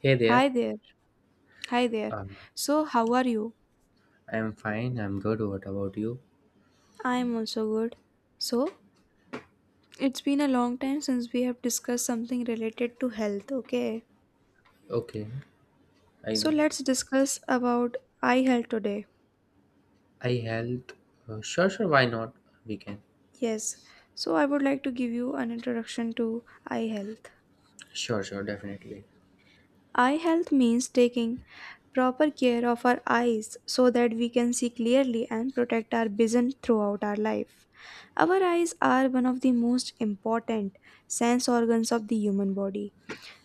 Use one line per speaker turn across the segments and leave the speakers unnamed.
Hey there.
Hi there. Hi there.
Uh,
So, how are you?
I'm fine. I'm good. What about you?
I am also good. So, it's been a long time since we have discussed something related to health, okay?
Okay. I
So,
know.
let's discuss about eye health today.
I helped. Sure, sure. Why not? We can.
Yes. So, I would like to give you an introduction to eye health.
Sure, sure. Definitely.
Eye health means taking proper care of our eyes so that we can see clearly and protect our vision throughout our life. Our eyes are one of the most important sense organs of the human body.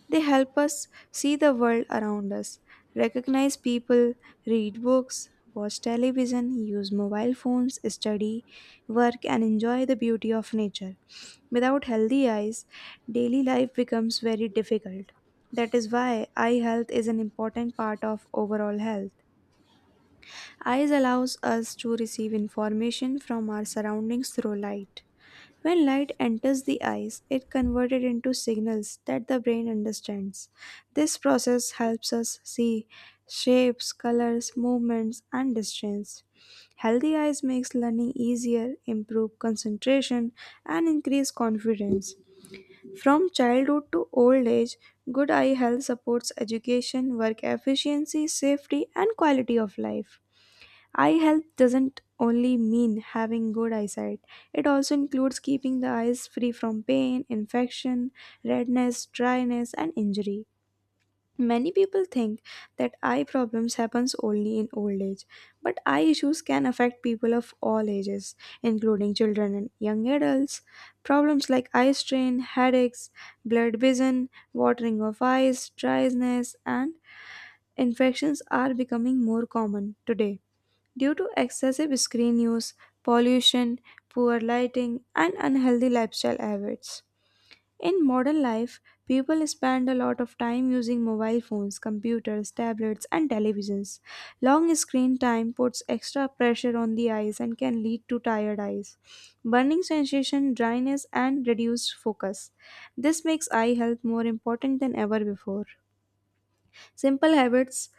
They help us see the world around us, recognize people, read books, watch television, use mobile phones, study, work, and enjoy the beauty of nature. Without healthy eyes, daily life becomes very difficult. That is why eye health is an important part of overall health. Eyes allows us to receive information from our surroundings through light. When light enters the eyes, it converted into signals that the brain understands. This process helps us see shapes, colors, movements, and distance. Healthy eyes makes learning easier, improve concentration, and increase confidence. From childhood to old age, good eye health supports education, work efficiency, safety, and quality of life. Eye health doesn't only mean having good eyesight, it also includes keeping the eyes free from pain, infection, redness, dryness, and injury. Many people think that eye problems happens only in old age, but eye issues can affect people of all ages, including children and young adults. Problems like eye strain, headaches, blurred vision, watering of eyes, dryness, and infections are becoming more common today due to excessive screen use, pollution, poor lighting, and unhealthy lifestyle habits. In modern life, people spend a lot of time using mobile phones, computers, tablets, and televisions. Long screen time puts extra pressure on the eyes and can lead to tired eyes, burning sensation, dryness, and reduced focus. This makes eye health more important than ever before. Simple habits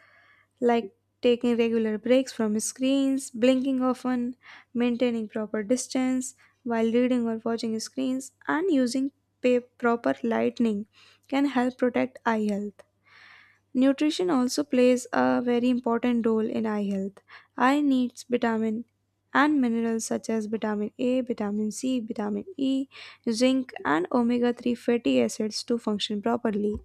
like taking regular breaks from screens, blinking often, maintaining proper distance while reading or watching screens, and using proper lighting can help protect eye health. Nutrition also plays a very important role in eye health. Eye needs vitamin and minerals such as vitamin A, vitamin C, vitamin E, zinc, and omega 3 fatty acids to function properly.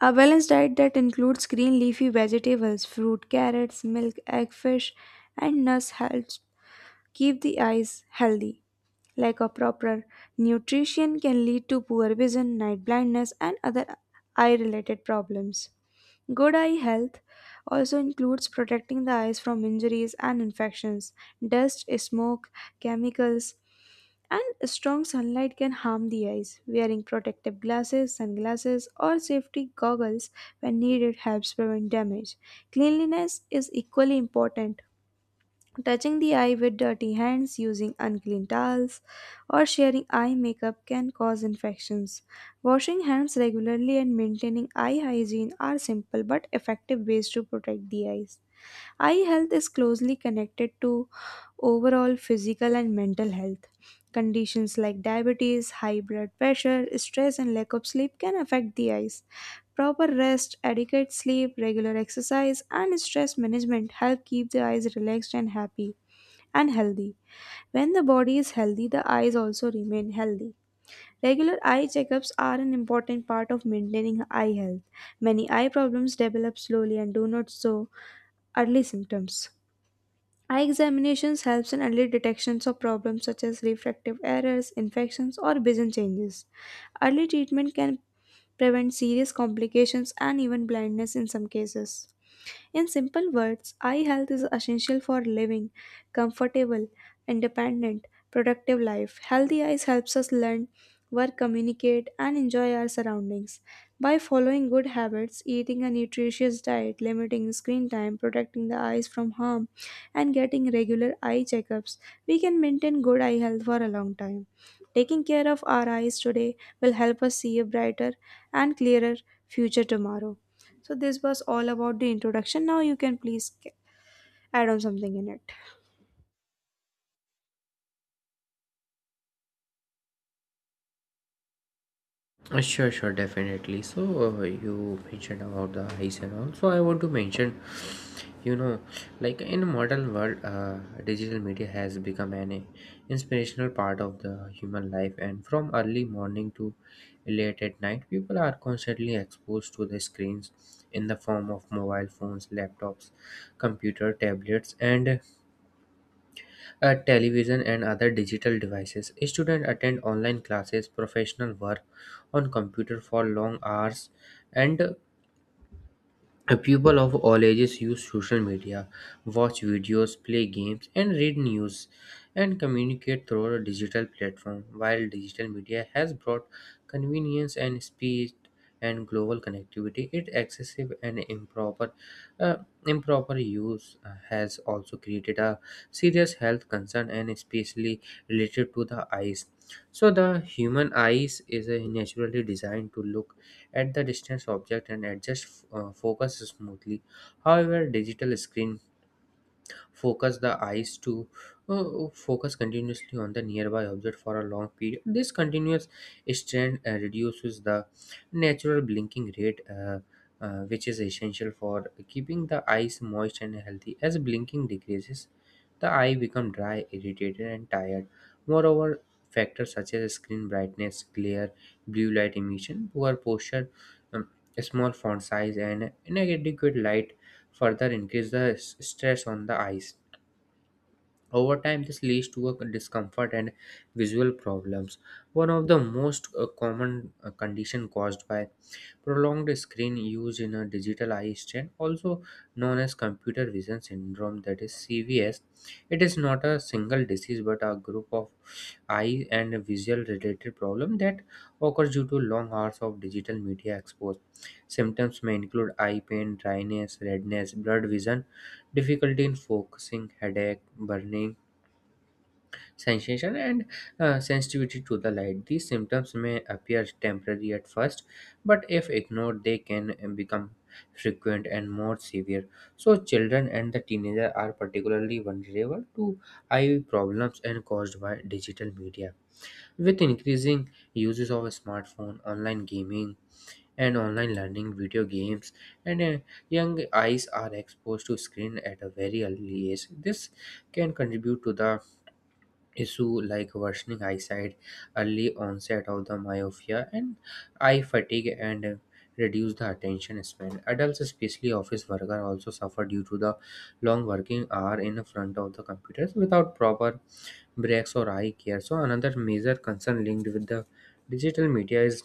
A balanced diet that includes green leafy vegetables, fruit, carrots, milk, egg, fish, and nuts helps keep the eyes healthy. Lack of proper nutrition can lead to poor vision, night blindness, and other eye related problems. Good eye health also includes protecting the eyes from injuries and infections. Dust, smoke, chemicals, and strong sunlight can harm the eyes. Wearing protective glasses, sunglasses, or safety goggles when needed helps prevent damage. Cleanliness is equally important. Touching the eye with dirty hands, using unclean towels, or sharing eye makeup can cause infections. Washing hands regularly and maintaining eye hygiene are simple but effective ways to protect the eyes. Eye health is closely connected to overall physical and mental health. Conditions like diabetes, high blood pressure, stress, and lack of sleep can affect the eyes. Proper rest, adequate sleep, regular exercise, and stress management help keep the eyes relaxed and happy and healthy. When the body is healthy, the eyes also remain healthy. Regular eye checkups are an important part of maintaining eye health. Many eye problems develop slowly and do not show early symptoms. Eye examinations helps in early detections of problems such as refractive errors, infections or vision changes. Early treatment can prevent serious complications and even blindness in some cases. In simple words, eye health is essential for living comfortable, independent, productive life. Healthy eyes helps us learn, work, communicate and enjoy our surroundings. By following good habits, eating a nutritious diet, limiting screen time, protecting the eyes from harm and getting regular eye checkups, we can maintain good eye health for a long time. Taking care of our eyes today will help us see a brighter and clearer future tomorrow. So this was all about the introduction. Now you can please add on something in it.
Sure, sure, definitely. So, you mentioned about the eyes and all. So, I want to mention, you know, like in modern world, digital media has become an inspirational part of the human life. And from early morning to late at night, people are constantly exposed to the screens in the form of mobile phones, laptops, computer, tablets, and television and other digital devices. Students attend online classes, professional work on computer for long hours, and people of all ages use social media, watch videos, play games, and read news, and communicate through a digital platform. While digital media has brought convenience and speed and global connectivity, its excessive and uh, improper use has also created a serious health concern and especially related to the eyes. So the human eyes is naturally designed to look at the distance object and adjust focus smoothly. However, digital screen focus the eyes to focus continuously on the nearby object for a long period. This continuous strain reduces the natural blinking rate, which is essential for keeping the eyes moist and healthy. As blinking decreases, the eye become dry, irritated and tired. Moreover, factors such as screen brightness, glare, blue light emission, poor posture, um, small font size and inadequate light further increase the stress on the eyes. Over time, this leads to a discomfort and visual problems. One of the most common condition caused by prolonged screen use in a digital eye strain, also known as computer vision syndrome, that is CVS. It is not a single disease but a group of eye and visual related problem that occurs due to long hours of digital media exposure. Symptoms may include eye pain, dryness, redness, blurred vision, difficulty in focusing, headache, burning sensation and sensitivity to the light. These symptoms may appear temporary at first, but if ignored, they can become frequent and more severe. So, children and the teenager are particularly vulnerable to eye problems and caused by digital media. With increasing uses of a smartphone, online gaming, and online learning, video games, and young eyes are exposed to screen at a very early age. This can contribute to the issue like worsening eyesight, early onset of the myopia, and eye fatigue and reduce the attention span. Adults, especially office workers, also suffer due to the long working hour in front of the computers without proper breaks or eye care. So another major concern linked with the digital media is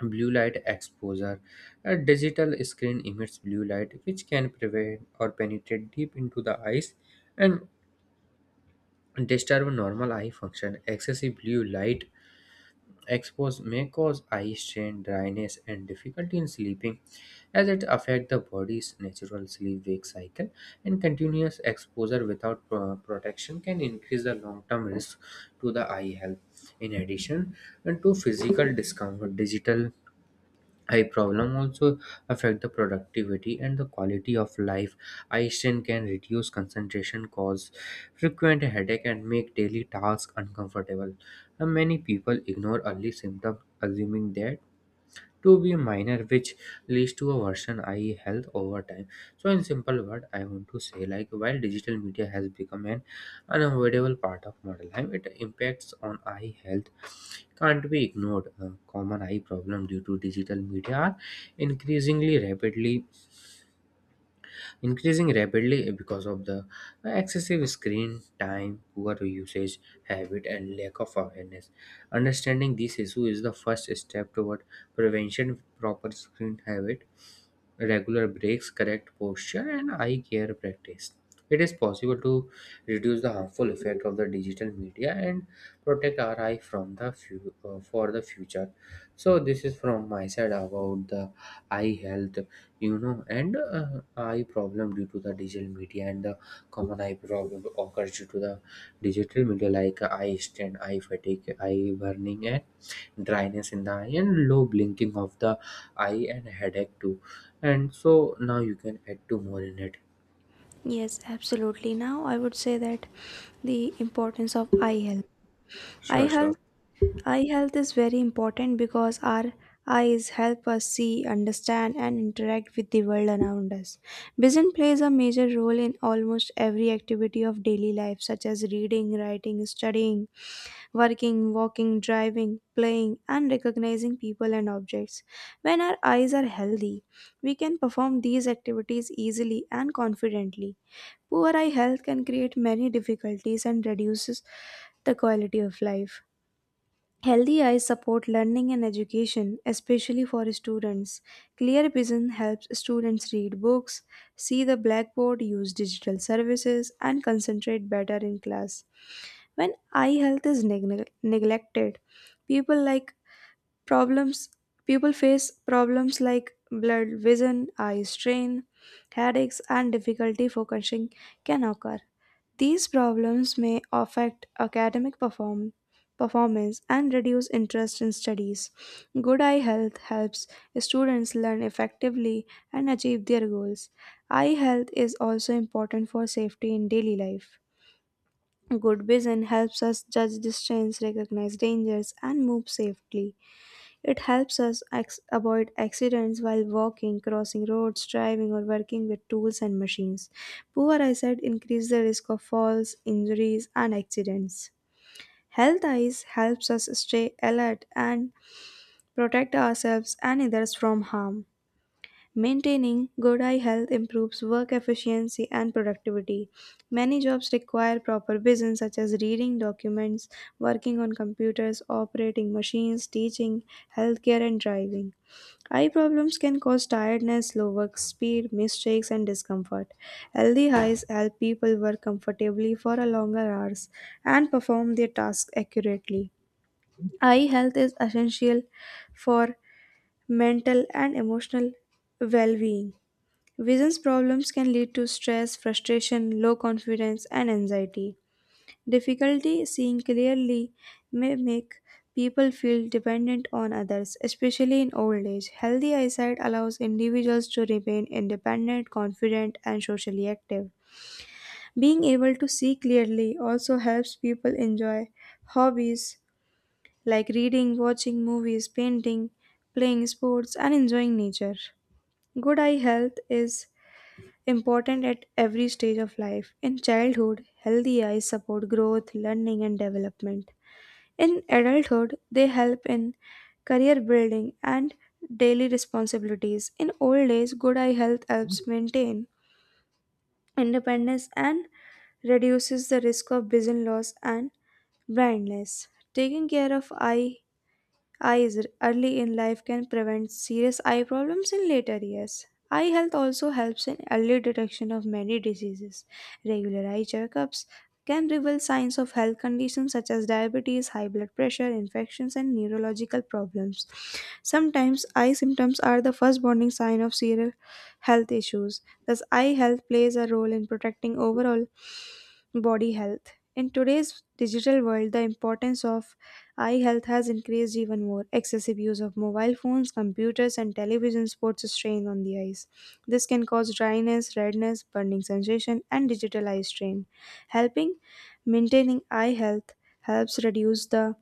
blue light exposure. A digital screen emits blue light which can prevent or penetrate deep into the eyes and disturb normal eye function. Excessive blue light exposed may cause eye strain, dryness, and difficulty in sleeping, as it affects the body's natural sleep-wake cycle. And continuous exposure without protection can increase the long-term risk to the eye health. In addition, and to physical discomfort, digital eye problem also affect the productivity and the quality of life. Eye strain can reduce concentration, cause frequent headache and make daily tasks uncomfortable, and many people ignore early symptoms assuming that to be minor, which leads to a worsen eye health over time. So in simple word I want to say, like while digital media has become an unavoidable part of modern life, it impacts on eye health can't be ignored. A common eye problem due to digital media are increasingly rapidly increasing rapidly because of the excessive screen time, poor usage habit, and lack of awareness. Understanding this issue is the first step toward prevention, proper screen habit, regular breaks, correct posture, and eye care practice. It is possible to reduce the harmful effect of the digital media and protect our eye from the for the future. So this is from my side about the eye health, you know, and eye problem due to the digital media and the common eye problem occurs due to the digital media, like eye strain, eye fatigue, eye burning and dryness in the eye and low blinking of the eye and headache too. And so now you can add two more in it.
Yes, absolutely. Now I would say that the importance of eye health. Eye
sure
health,
sure
eye health is very important because our eyes help us see, understand, and interact with the world around us. Vision plays a major role in almost every activity of daily life, such as reading, writing, studying, working, walking, driving, playing, and recognizing people and objects. When our eyes are healthy, we can perform these activities easily and confidently. Poor eye health can create many difficulties and reduces the quality of life. Healthy eyes support learning and education, especially for students. Clear vision helps students read books, see the blackboard, use digital services, and concentrate better in class. When eye health is neglected, people like problems people face problems like blurred vision, eye strain, headaches and difficulty focusing can occur. These problems may affect academic performance and reduce interest in studies. Good eye health helps students learn effectively and achieve their goals. Eye health is also important for safety in daily life. Good vision helps us judge distance, recognize dangers, and move safely. It helps us avoid accidents while walking, crossing roads, driving, or working with tools and machines. Poor eyesight increases the risk of falls, injuries, and accidents. Health eyes helps us stay alert and protect ourselves and others from harm. Maintaining good eye health improves work efficiency and productivity. Many jobs require proper vision, such as reading documents, working on computers, operating machines, teaching, healthcare, and driving. Eye problems can cause tiredness, slow work speed, mistakes, and discomfort. Healthy eyes help people work comfortably for a longer hours and perform their tasks accurately. Eye health is essential for mental and emotional well being. Vision problems can lead to stress, frustration, low confidence, and anxiety. Difficulty seeing clearly may make people feel dependent on others, especially in old age. Healthy eyesight allows individuals to remain independent, confident, and socially active. Being able to see clearly also helps people enjoy hobbies like reading, watching movies, painting, playing sports, and enjoying nature. Good eye health is important at every stage of life. In childhood, healthy eyes support growth, learning, and development. In adulthood, they help in career building and daily responsibilities. In old age, good eye health helps maintain independence and reduces the risk of vision loss and blindness. Taking care of eye Eyes early in life can prevent serious eye problems in later years. Eye health also helps in early detection of many diseases. Regular eye checkups can reveal signs of health conditions such as diabetes, high blood pressure, infections, and neurological problems. Sometimes eye symptoms are the first warning sign of serious health issues. Thus, eye health plays a role in protecting overall body health. In today's digital world, the importance of eye health has increased even more. Excessive use of mobile phones, computers, and televisions puts a strain on the eyes. This can cause dryness, redness, burning sensation, and digital eye strain. Helping maintaining eye health helps reduce the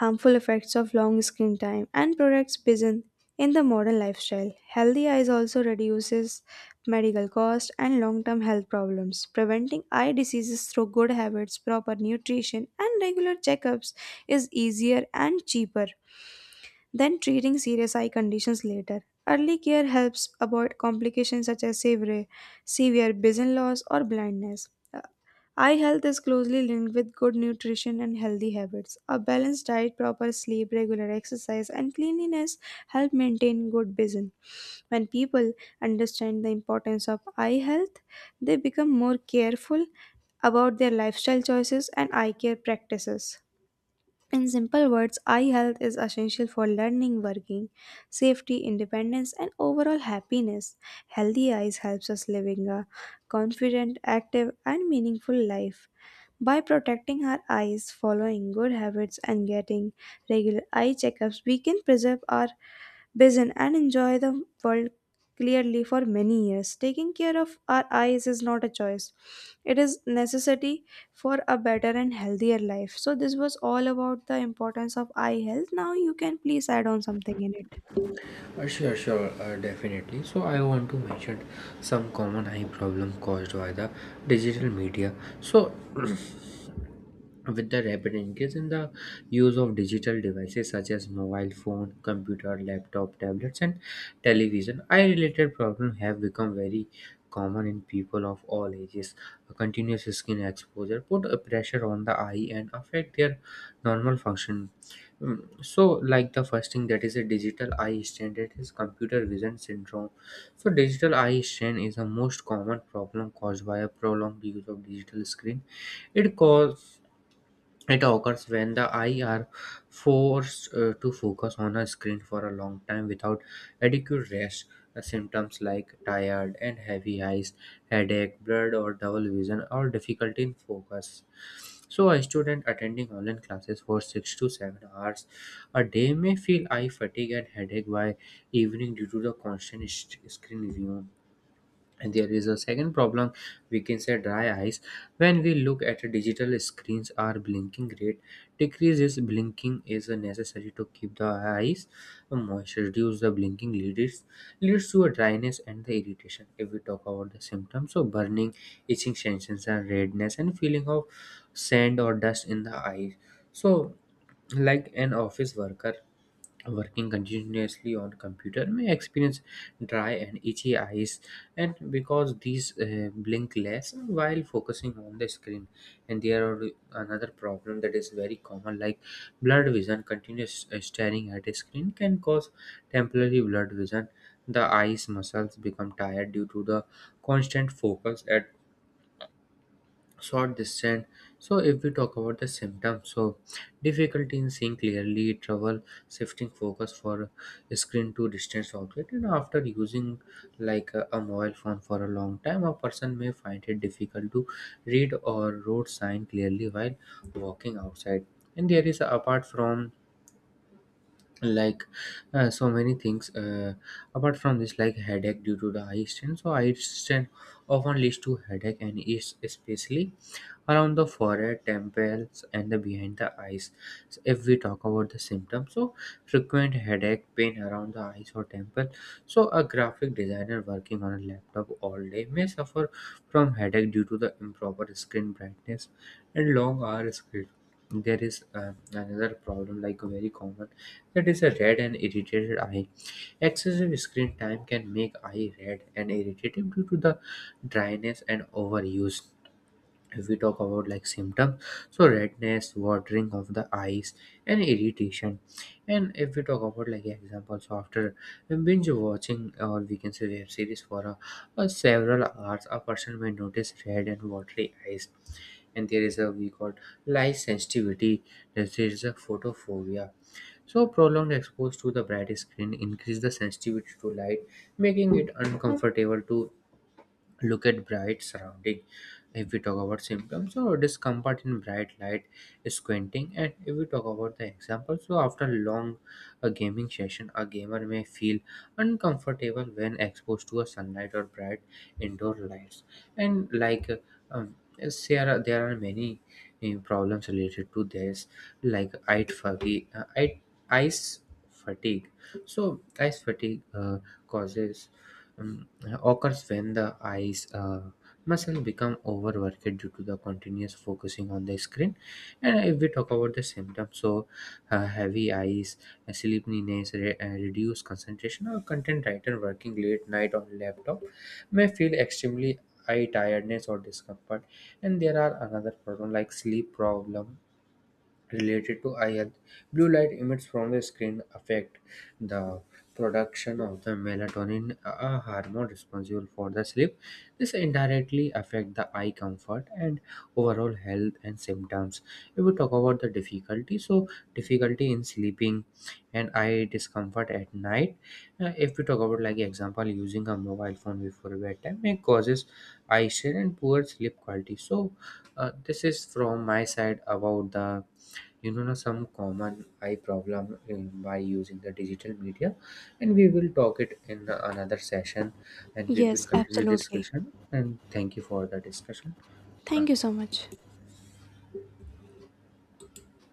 harmful effects of long screen time and products business in the modern lifestyle. Healthy eyes also reduces medical costs and long-term health problems. Preventing eye diseases through good habits, proper nutrition, and regular checkups is easier and cheaper than treating serious eye conditions later. Early care helps avoid complications such as severe vision loss or blindness. Eye health is closely linked with good nutrition and healthy habits. A balanced diet, proper sleep, regular exercise, and cleanliness help maintain good vision. When people understand the importance of eye health, they become more careful about their lifestyle choices and eye care practices. In simple words, eye health is essential for learning, working, safety, independence, and overall happiness. Healthy eyes helps us living a confident, active, and meaningful life. By protecting our eyes, following good habits, and getting regular eye checkups, we can preserve our vision and enjoy the world clearly for many years. Taking care of our eyes is not a choice. It is necessity for a better and healthier life. So this was all about the importance of eye health. Now you can please add on something in it.
uh, sure sure uh, definitely So I want to mention some common eye problem caused by the digital media. So with the rapid increase in the use of digital devices such as mobile phone, computer, laptop, tablets, and television, eye related problems have become very common in people of all ages. A continuous skin exposure put a pressure on the eye and affect their normal function. So, like the first thing, that is a digital eye strain, that is computer vision syndrome. So, digital eye strain is the most common problem caused by a prolonged use of digital screen. it cause it occurs when the eye are forced to focus on a screen for a long time without adequate rest. The symptoms like tired and heavy eyes, headache, blurred or double vision, or difficulty in focus. So, a student attending online classes for 6 to 7 hours a day may feel eye fatigue and headache by evening due to the constant screen view. And there is a second problem, we can say dry eyes. When we look at digital screens, our blinking rate decreases. Blinking is necessary to keep the eyes moist. Reduce the blinking leads to a dryness and the irritation. If we talk about the symptoms, so burning, itching sensations, and redness, and feeling of sand or dust in the eyes. So, like an office worker working continuously on computer may experience dry and itchy eyes and because these blink less while focusing on the screen. And there are another problem that is very common, like blurred vision. Continuous staring at a screen can cause temporary blurred vision. The eyes muscles become tired due to the constant focus at short distance. So if we talk about the symptoms, so difficulty in seeing clearly, trouble shifting focus for screen to distance object. And after using like a mobile phone for a long time, a person may find it difficult to read or road sign clearly while walking outside. And there is, apart from like, so many things apart from this, like headache due to the eye strain. So eye strain often leads to headache and is especially around the forehead, temples and the behind the eyes. So if we talk about the symptoms, so frequent headache, pain around the eyes or temple. So a graphic designer working on a laptop all day may suffer from headache due to the improper screen brightness and long hour screen. There is another problem, like very common, that is a red and irritated eye. Excessive screen time can make eye red and irritated due to the dryness and overuse. If we talk about like symptoms, so redness, watering of the eyes, and irritation. And if we talk about like examples, after binge watching, or we can say web series, for a several hours, a person may notice red and watery eyes. And there is, a we call light sensitivity. There is a photophobia. So, prolonged exposure to the bright screen increase the sensitivity to light, making it uncomfortable to look at bright surrounding. If we talk about symptoms, so discomfort in bright light, squinting. And if we talk about the example, so after long a gaming session, a gamer may feel uncomfortable when exposed to a sunlight or bright indoor lights. And like yes, there are many problems related to this, like eye fatigue, eyes fatigue. So eyes fatigue causes um, occurs when the eyes muscle become overworked due to the continuous focusing on the screen. And if we talk about the symptoms, so heavy eyes, sleepiness, reduced concentration. Or content writer working late night on laptop may feel extremely eye tiredness or discomfort. And there are another problem, like sleep problem related to I health. Blue light emits from the screen affect the production of the melatonin, a hormone responsible for the sleep. This indirectly affect the eye comfort and overall health and symptoms. If we talk about the difficulty, so difficulty in sleeping and eye discomfort at night. If we talk about like example, using a mobile phone before bedtime, it causes eye strain and poor sleep quality. So this is from my side about the, you know, na, some common eye problem in, by using the digital media. And we will talk it in another session and we will
Yes,
continue this
absolutely.
discussion. And thank you for the discussion. Uh,
Thank you so much.